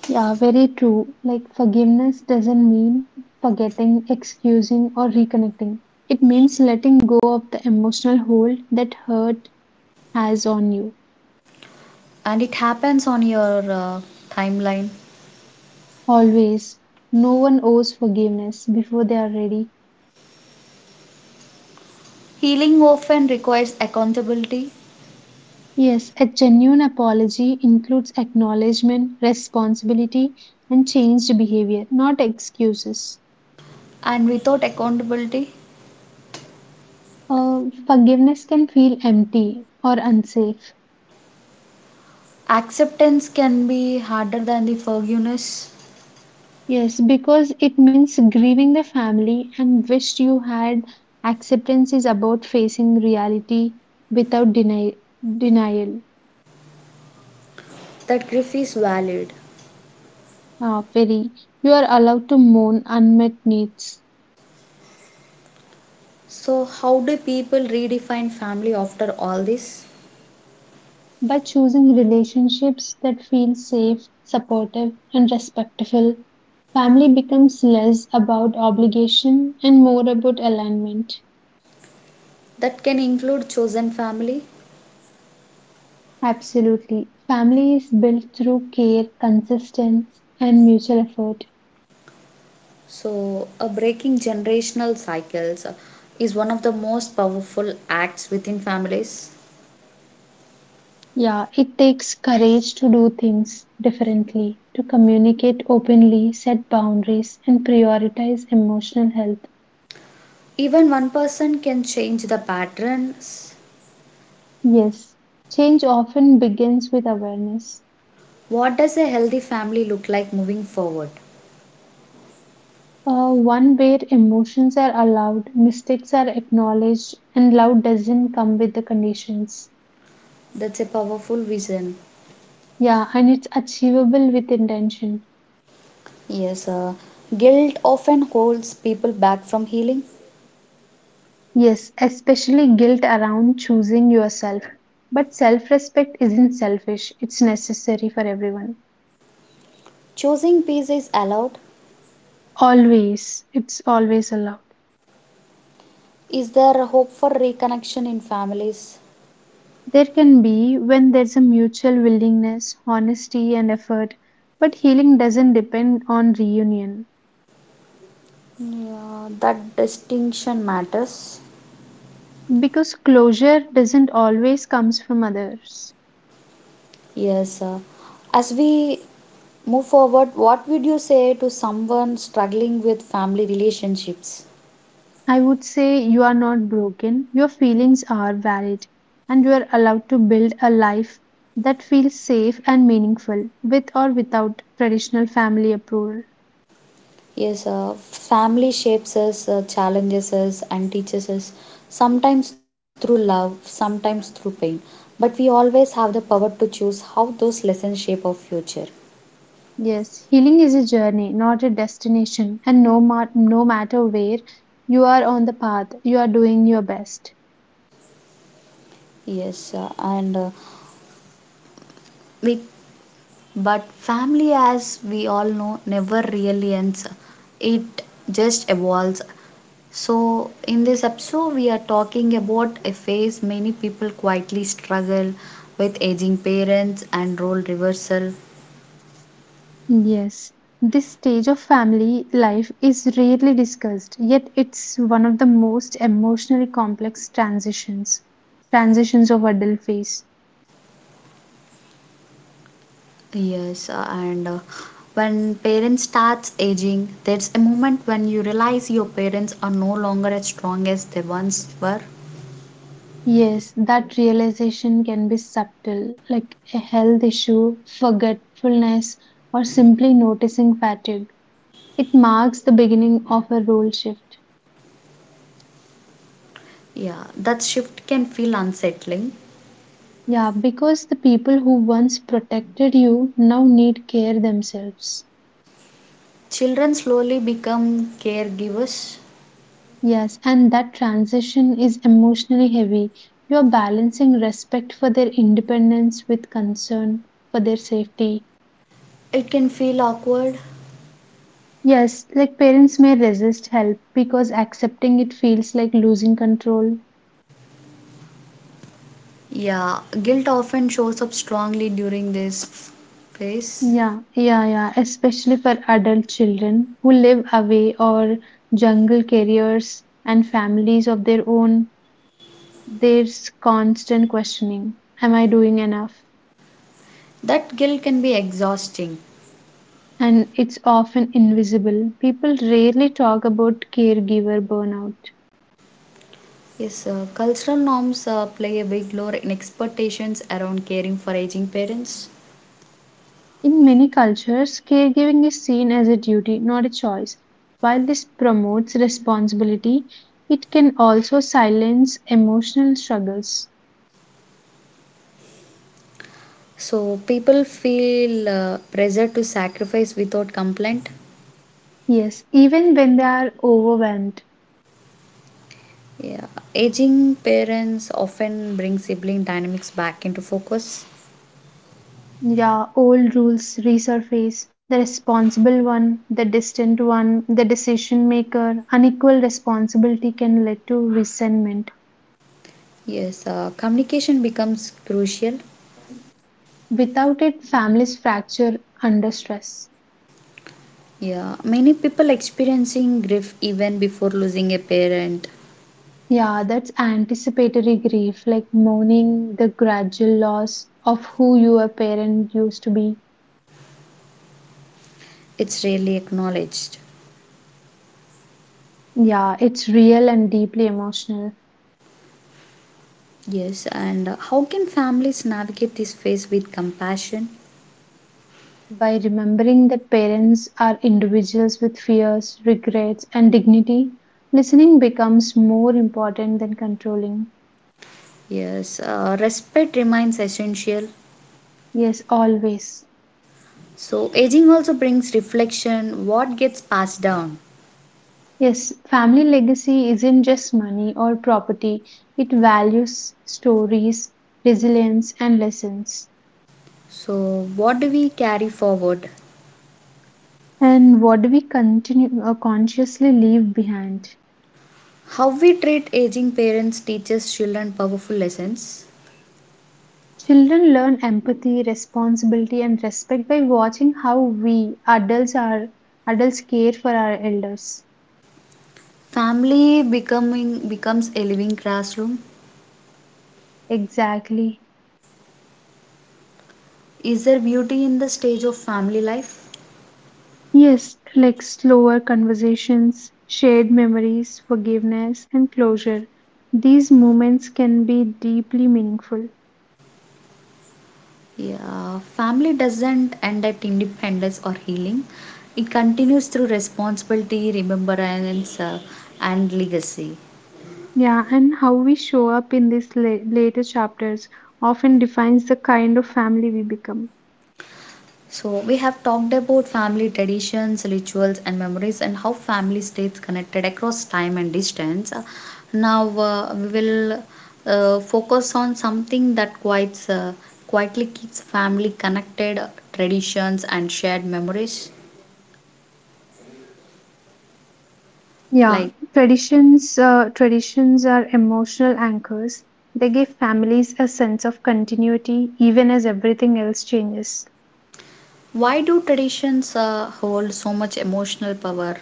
Speaker 2: Yeah, very true. Like forgiveness doesn't mean forgetting, excusing, or reconnecting. It means letting go of the emotional hold that hurt has on you.
Speaker 1: And it happens on your timeline.
Speaker 2: Always. No one owes forgiveness before they are ready.
Speaker 1: Healing often requires accountability,
Speaker 2: Yes, a genuine apology includes acknowledgement, responsibility, and changed behavior, not excuses.
Speaker 1: and without accountability,
Speaker 2: Uh, Forgiveness can feel empty or unsafe.
Speaker 1: acceptance can be harder than the forgiveness.
Speaker 2: Yes, because it means grieving the family and wished you had. Acceptance is about facing reality without denial.
Speaker 1: That grief is valid.
Speaker 2: Very, you are allowed to mourn unmet needs.
Speaker 1: So, how do people redefine family after all this?
Speaker 2: By choosing relationships that feel safe, supportive, and respectful, family becomes less about obligation and more about alignment.
Speaker 1: That can include chosen family.
Speaker 2: Absolutely. Family is built through care, consistency, and mutual effort.
Speaker 1: So, breaking generational cycles is one of the most powerful acts within families.
Speaker 2: Yeah, it takes courage to do things differently, to communicate openly, set boundaries, and prioritize emotional health.
Speaker 1: Even one person can change the patterns.
Speaker 2: Yes, change often begins with awareness.
Speaker 1: What does a healthy family look like moving forward?
Speaker 2: One where emotions are allowed, mistakes are acknowledged, and love doesn't come with the conditions.
Speaker 1: That's a powerful vision.
Speaker 2: Yeah, and it's achievable with intention.
Speaker 1: Yes, guilt often holds people back from healing.
Speaker 2: Yes, especially guilt around choosing yourself. But self respect isn't selfish, it's necessary for everyone.
Speaker 1: Choosing peace is allowed.
Speaker 2: Always, it's always allowed.
Speaker 1: Is there hope for reconnection in families?
Speaker 2: There can be when there's a mutual willingness, honesty, and effort, but healing doesn't depend on reunion.
Speaker 1: Yeah, that distinction matters.
Speaker 2: Because closure doesn't always comes from others.
Speaker 1: Yes, as we move forward, what would you say to someone struggling with family relationships?
Speaker 2: I would say you are not broken. Your feelings are valid and you are allowed to build a life that feels safe and meaningful with or without traditional family approval.
Speaker 1: Yes, family shapes us, challenges us, and teaches us, sometimes through love, sometimes through pain, but we always have the power to choose how those lessons shape our future.
Speaker 2: Yes, healing is a journey, not a destination, and no matter where you are on the path, you are doing your best.
Speaker 1: Yes, and with. But family, as we all know, never really ends, it just evolves. So, in this episode, we are talking about a phase many people quietly struggle with: aging parents and role reversal.
Speaker 2: Yes, this stage of family life is rarely discussed, yet it's one of the most emotionally complex transitions of adult phase.
Speaker 1: Yes, and when parents starts aging, there's a moment when you realize your parents are no longer as strong as they once were.
Speaker 2: Yes, that realization can be subtle, like a health issue, forgetfulness, or simply noticing fatigue. It marks the beginning of a role shift.
Speaker 1: Yeah, that shift can feel unsettling.
Speaker 2: Yeah, because the people who once protected you now need care themselves.
Speaker 1: Children slowly become caregivers.
Speaker 2: Yes, and that transition is emotionally heavy. You're balancing respect for their independence with concern for their safety.
Speaker 1: It can feel awkward.
Speaker 2: Yes, like parents may resist help because accepting it feels like losing control.
Speaker 1: Yeah, guilt often shows up strongly during this phase.
Speaker 2: Yeah, especially for adult children who live away or jungle careers and families of their own. There's constant questioning. Am I doing enough?
Speaker 1: That guilt can be exhausting.
Speaker 2: And it's often invisible. People rarely talk about caregiver burnout.
Speaker 1: Yes, cultural norms play a big role in expectations around caring for aging parents.
Speaker 2: In many cultures, caregiving is seen as a duty, not a choice. While this promotes responsibility, it can also silence emotional struggles.
Speaker 1: So people feel pressure to sacrifice without complaint.
Speaker 2: Yes, even when they are overwhelmed,
Speaker 1: Yeah, aging parents often bring sibling dynamics back into focus.
Speaker 2: yeah, old rules resurface. The responsible one, the distant one, the decision maker, unequal responsibility can lead to resentment.
Speaker 1: Yes, communication becomes crucial.
Speaker 2: Without it, families fracture under stress.
Speaker 1: Yeah, many people experiencing grief even before losing a parent.
Speaker 2: Yeah, that's anticipatory grief, like mourning the gradual loss of who your parent used to be.
Speaker 1: It's rarely acknowledged.
Speaker 2: Yeah, it's real and deeply emotional.
Speaker 1: Yes, and how can families navigate this phase with compassion?
Speaker 2: By remembering that parents are individuals with fears, regrets, and dignity, listening becomes more important than controlling.
Speaker 1: Yes, respect remains essential.
Speaker 2: Yes, always.
Speaker 1: So, aging also brings reflection: what gets passed down.
Speaker 2: Yes, family legacy isn't just money or property, it values, stories, resilience, and lessons.
Speaker 1: So, what do we carry forward?
Speaker 2: And what do we continue consciously leave behind?
Speaker 1: How we treat aging parents teaches children powerful lessons.
Speaker 2: Children learn empathy, responsibility, and respect by watching how we adults are adults care for our elders.
Speaker 1: Family becoming becomes a living classroom.
Speaker 2: Exactly.
Speaker 1: Is there beauty in the stage of family life?
Speaker 2: Yes, like slower conversations, shared memories, forgiveness, and closure. These moments can be deeply meaningful.
Speaker 1: Yeah, family doesn't end at independence or healing. It continues through responsibility, remembrance, and legacy.
Speaker 2: Yeah, and how we show up in these later chapters often defines the kind of family we become.
Speaker 1: So, we have talked about family traditions, rituals, and memories, and how family stays connected across time and distance. Now, we will focus on something that quietly keeps family connected: traditions and shared memories.
Speaker 2: Yeah,
Speaker 1: Like,
Speaker 2: traditions uh, traditions are emotional anchors. They give families a sense of continuity even as everything else changes.
Speaker 1: why do traditions hold so much emotional power?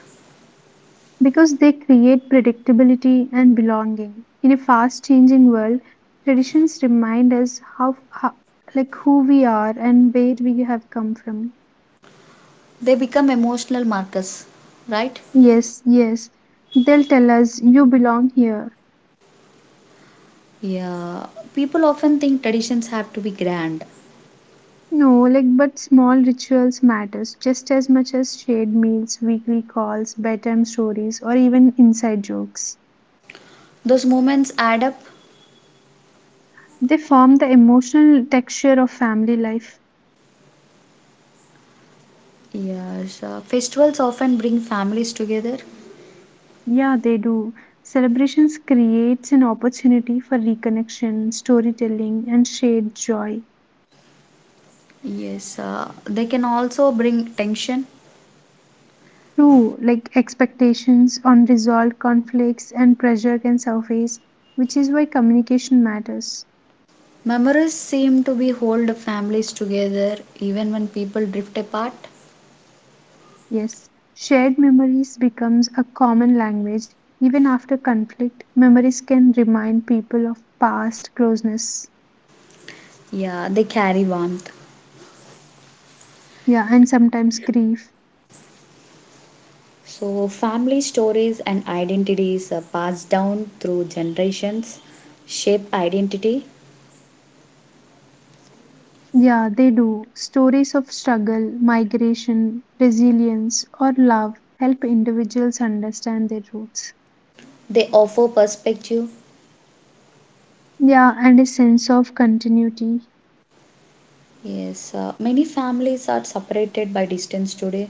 Speaker 2: Because they create predictability and belonging. In a fast changing world, traditions remind us how like who we are and where we have come from.
Speaker 1: They become emotional markers, right?
Speaker 2: Yes, yes. They'll tell us you belong here.
Speaker 1: Yeah. People often think traditions have to be grand.
Speaker 2: No, like, but small rituals matters just as much as shared meals, weekly calls, bedtime stories, or even inside jokes.
Speaker 1: Those moments add up.
Speaker 2: They form the emotional texture of family life.
Speaker 1: Yes. Festivals often bring families together.
Speaker 2: Yeah, they do. Celebrations creates an opportunity for reconnection, storytelling, and shared joy.
Speaker 1: Yes. They can also bring tension.
Speaker 2: True, like expectations, unresolved conflicts, and pressure can surface, which is why communication matters.
Speaker 1: Memories seem to be hold families together even when people drift apart.
Speaker 2: Yes, shared memories becomes a common language. Even after conflict, memories can remind people of past closeness.
Speaker 1: Yeah, they carry warmth.
Speaker 2: Yeah, and sometimes grief.
Speaker 1: So, family stories and identities are passed down through generations, shape identity,
Speaker 2: Yeah, they do. Stories of struggle, migration, resilience, or love help individuals understand their roots.
Speaker 1: they offer perspective.
Speaker 2: Yeah, and a sense of continuity.
Speaker 1: Yes, many families are separated by distance today.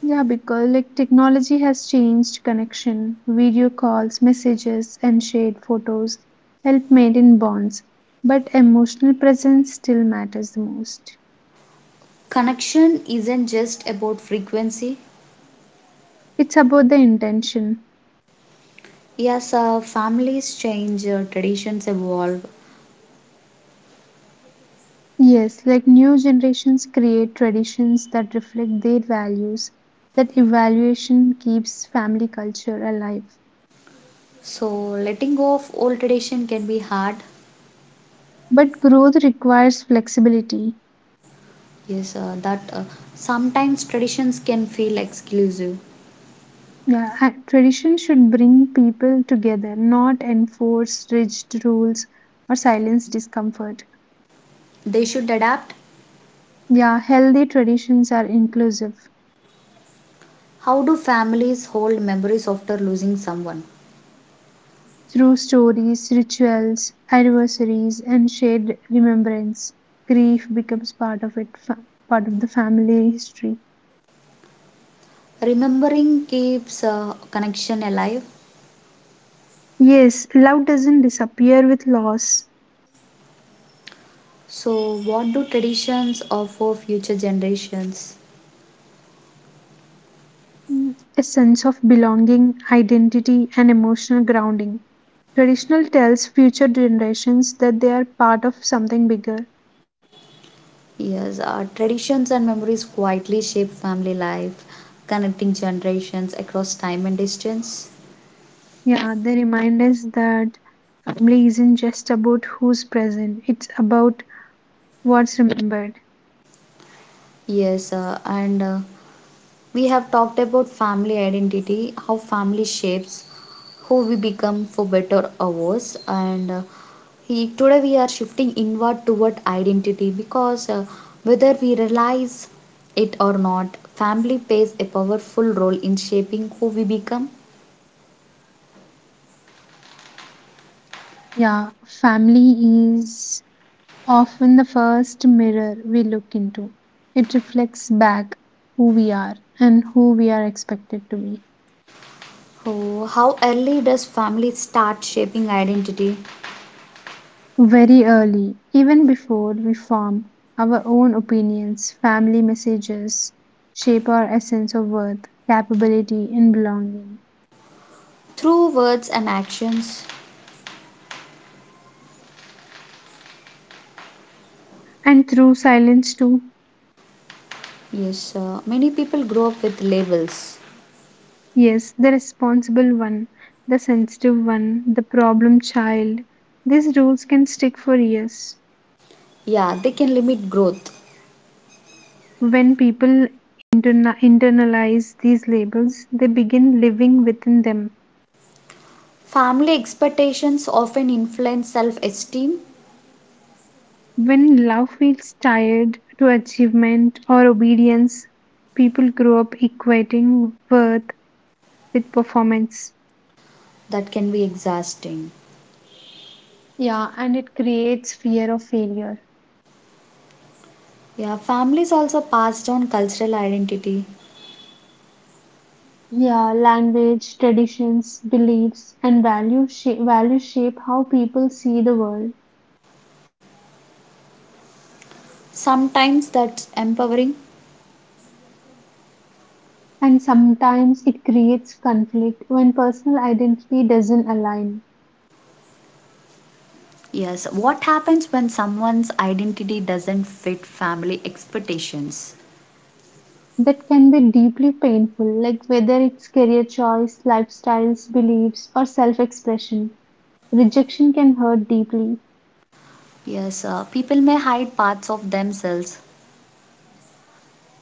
Speaker 2: Yeah, because like technology has changed connection. Video calls, messages, and shared photos help maintain bonds, but emotional presence still matters the most.
Speaker 1: Connection isn't just about frequency.
Speaker 2: It's about the intention.
Speaker 1: Yes, families change, traditions evolve.
Speaker 2: Yes, like new generations create traditions that reflect their values. That evaluation keeps family culture alive.
Speaker 1: So, letting go of old tradition can be hard.
Speaker 2: But growth requires flexibility.
Speaker 1: Yes, that sometimes traditions can feel exclusive.
Speaker 2: Yeah, tradition should bring people together, not enforce rigid rules or silence discomfort.
Speaker 1: They should adapt.
Speaker 2: Yeah, healthy traditions are inclusive
Speaker 1: How do families hold memories after losing someone?
Speaker 2: through stories, rituals, anniversaries, and shared remembrance. Grief becomes part of it, part of the family history.
Speaker 1: Remembering keeps a connection alive.
Speaker 2: Yes, love doesn't disappear with loss.
Speaker 1: So, what do traditions offer future generations?
Speaker 2: Mm, a sense of belonging, identity, and emotional grounding. Traditional tells future generations that they are part of something bigger.
Speaker 1: Yes, traditions and memories quietly shape family life, connecting generations across time and distance.
Speaker 2: Yeah, they remind us that family isn't just about who's present, it's about what's remembered.
Speaker 1: Yes, and we have talked about family identity, how family shapes who we become for better or worse, and today we are shifting inward toward identity because whether we realize it or not, family plays a powerful role in shaping who we become.
Speaker 2: Yeah, family is often the first mirror we look into. It reflects back who we are and who we are expected to be.
Speaker 1: Oh, how early does family start shaping identity?
Speaker 2: Very early, even before we form our own opinions, family messages shape our essence of worth, capability, and belonging.
Speaker 1: Through words and actions.
Speaker 2: And through silence, too.
Speaker 1: Yes, many people grow up with labels.
Speaker 2: Yes, the responsible one, the sensitive one, the problem child. These rules can stick for years.
Speaker 1: Yeah, they can limit growth.
Speaker 2: When people internalize these labels, they begin living within them.
Speaker 1: Family expectations often influence self-esteem.
Speaker 2: When love feels tied to achievement or obedience, people grow up equating worth with performance.
Speaker 1: That can be exhausting.
Speaker 2: Yeah, and it creates fear of failure.
Speaker 1: Yeah, families also pass down cultural identity.
Speaker 2: Yeah, language, traditions, beliefs, and value shape, values shape how people see the world.
Speaker 1: Sometimes that's empowering.
Speaker 2: And sometimes it creates conflict when personal identity doesn't align.
Speaker 1: Yes, what happens when someone's identity doesn't fit family expectations?
Speaker 2: That can be deeply painful, like whether it's career choice, lifestyles, beliefs, or self expression. Rejection can hurt deeply.
Speaker 1: Yes, people may hide parts of themselves.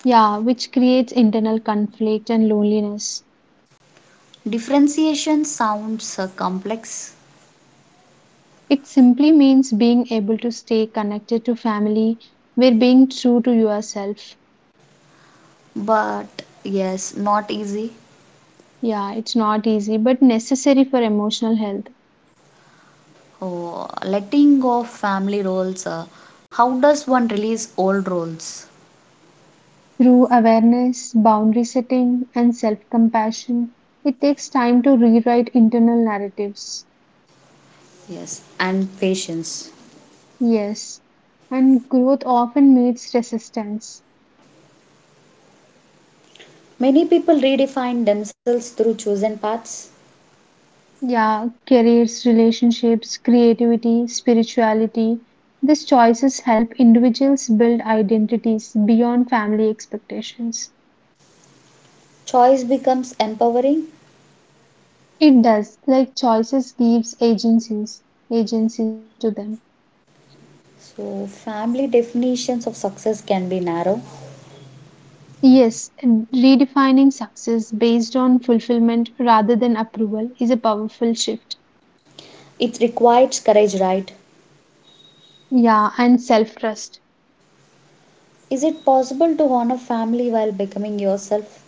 Speaker 2: Yeah, which creates internal conflict and loneliness.
Speaker 1: Differentiation sounds complex.
Speaker 2: It simply means being able to stay connected to family while being true to yourself.
Speaker 1: But yes, not easy.
Speaker 2: Yeah, it's not easy but necessary for emotional health.
Speaker 1: Oh, letting go of family roles. How does one release old roles?
Speaker 2: Through awareness, boundary setting, and self compassion, it takes time to rewrite internal narratives.
Speaker 1: Yes, and patience.
Speaker 2: Yes, and growth often meets resistance.
Speaker 1: Many people redefine themselves through chosen paths.
Speaker 2: Yeah, careers, relationships, creativity, spirituality. These choices help individuals build identities beyond family expectations.
Speaker 1: Choice becomes empowering.
Speaker 2: It does, like choices gives agencies, agency to them.
Speaker 1: So, family definitions of success can be narrow.
Speaker 2: Yes, and redefining success based on fulfillment rather than approval is a powerful shift.
Speaker 1: It requires courage, right?
Speaker 2: Yeah, and self-trust.
Speaker 1: Is it possible to honor family while becoming yourself?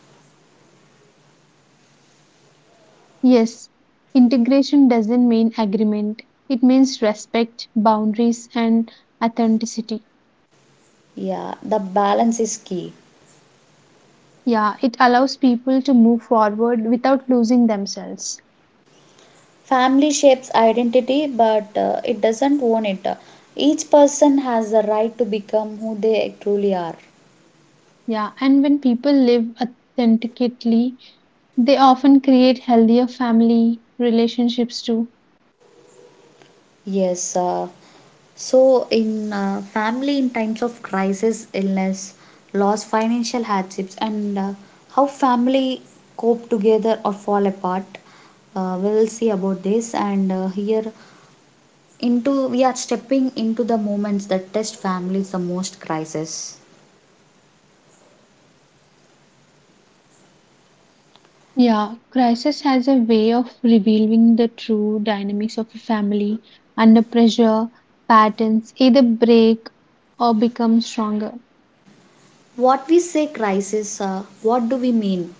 Speaker 2: Yes, integration doesn't mean agreement. It means respect, boundaries, and authenticity.
Speaker 1: Yeah, the balance is key.
Speaker 2: Yeah, it allows people to move forward without losing themselves.
Speaker 1: Family shapes identity, but it doesn't own it. Each person has the right to become who they truly are.
Speaker 2: Yeah, and when people live authentically, they often create healthier family relationships too.
Speaker 1: Yes. So, in family, in times of crisis, illness, loss, financial hardships, and how family cope together or fall apart, we will see about this. And here, into we are stepping into the moments that test families the most: crisis.
Speaker 2: Yeah, crisis has a way of revealing the true dynamics of a family under pressure, patterns either break or become stronger.
Speaker 1: What we say crisis, what do we mean?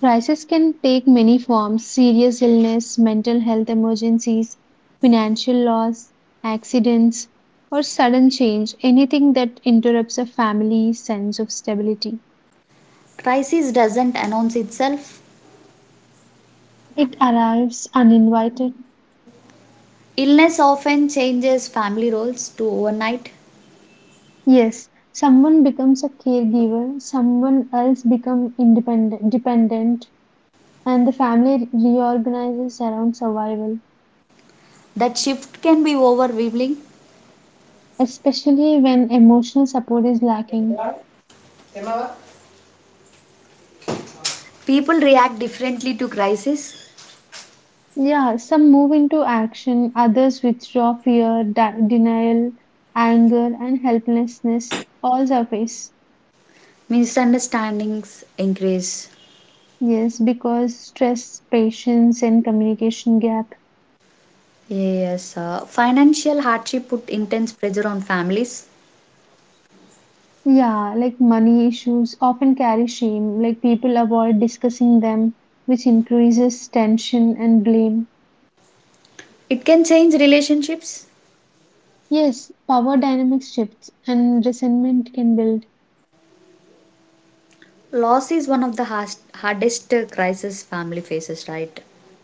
Speaker 2: Crisis can take many forms serious illness, mental health emergencies, financial loss, accidents, or sudden change, anything that interrupts a family's sense of stability.
Speaker 1: Crisis doesn't announce itself.
Speaker 2: It arrives uninvited.
Speaker 1: Illness often changes family roles to overnight.
Speaker 2: Yes, someone becomes a caregiver, someone else becomes independent dependent, and the family reorganizes around survival,
Speaker 1: That shift can be overwhelming.
Speaker 2: especially when emotional support is lacking.
Speaker 1: People react differently to crisis.
Speaker 2: Yeah, some move into action, others withdraw fear, denial, anger, and helplessness all surface.
Speaker 1: Misunderstandings increase.
Speaker 2: Yes, because stress, patience, and communication gap.
Speaker 1: Yes, financial hardship put intense pressure on families.
Speaker 2: Yeah, like money issues often carry shame, like people avoid discussing them, which increases tension and blame.
Speaker 1: It can change relationships.
Speaker 2: Yes, power dynamics shifts and resentment can build.
Speaker 1: Loss is one of the hardest crisis family faces, right?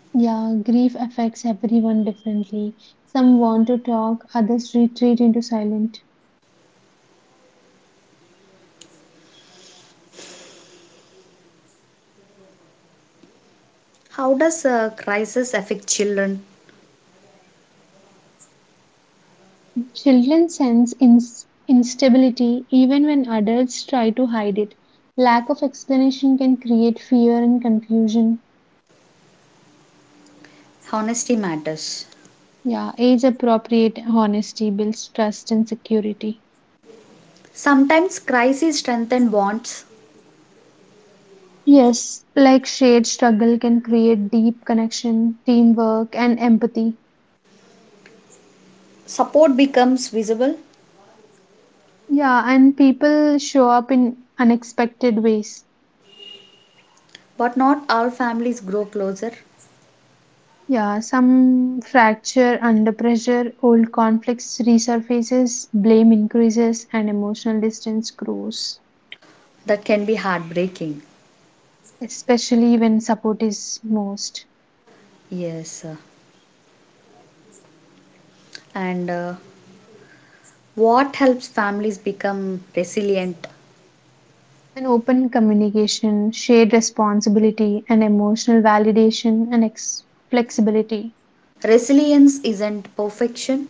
Speaker 2: Yeah, grief affects everyone differently. Some want to talk, others retreat into silence.
Speaker 1: How does a crisis affect children?
Speaker 2: Children sense instability even when adults try to hide it. Lack of explanation can create fear and confusion.
Speaker 1: Honesty matters.
Speaker 2: Yeah, age appropriate honesty builds trust and security.
Speaker 1: Sometimes crises strengthen bonds.
Speaker 2: Yes, like shared struggle can create deep connection, teamwork, and empathy.
Speaker 1: Support becomes visible,
Speaker 2: Yeah, and people show up in unexpected ways.
Speaker 1: but not all families grow closer.
Speaker 2: Yeah, some fracture under pressure, old conflicts resurfaces, blame increases, and emotional distance grows,
Speaker 1: That can be heartbreaking.
Speaker 2: especially when support is most.
Speaker 1: Yes. uh, And what helps families become resilient?
Speaker 2: An open communication, shared responsibility, and emotional validation and flexibility.
Speaker 1: Resilience isn't perfection.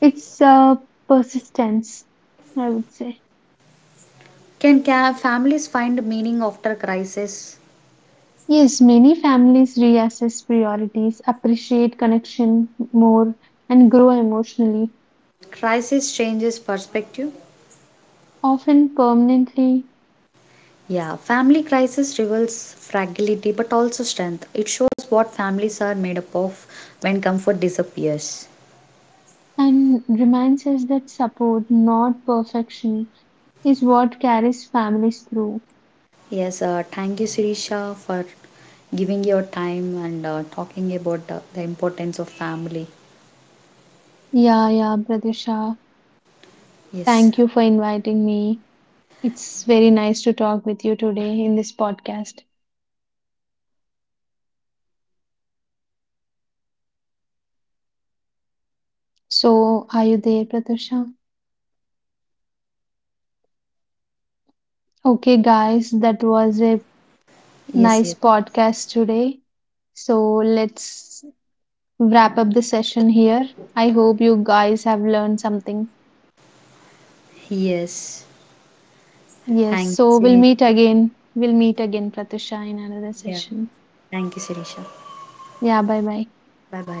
Speaker 2: It's persistence, I would say.
Speaker 1: Can families find meaning after crisis?
Speaker 2: Yes, many families reassess priorities, appreciate connection more, and grow emotionally,
Speaker 1: Crisis changes perspective.
Speaker 2: often permanently,
Speaker 1: Yeah, family crisis reveals fragility but also strength. It shows what families are made up of when comfort disappears.
Speaker 2: and reminds us that support, not perfection, is what carries families through.
Speaker 1: Yes, thank you, Sirisha, for giving your time and talking about the importance of family.
Speaker 2: Yeah, yeah, Pradisha.
Speaker 1: Yes,
Speaker 2: Thank you for inviting me. It's very nice to talk with you today in this podcast. So, are you there, Pradisha? Okay, guys, that was a
Speaker 1: yes,
Speaker 2: nice
Speaker 1: yes,
Speaker 2: podcast today. So, let's wrap up the session here. I hope you guys have learned something.
Speaker 1: yes.
Speaker 2: Yes,
Speaker 1: Thank you,
Speaker 2: so we'll
Speaker 1: Sirisha.
Speaker 2: meet again. We'll meet again, Pratusha, in another
Speaker 1: Yeah,
Speaker 2: session.
Speaker 1: thank you, Sirisha.
Speaker 2: Yeah, bye bye.
Speaker 1: Bye bye.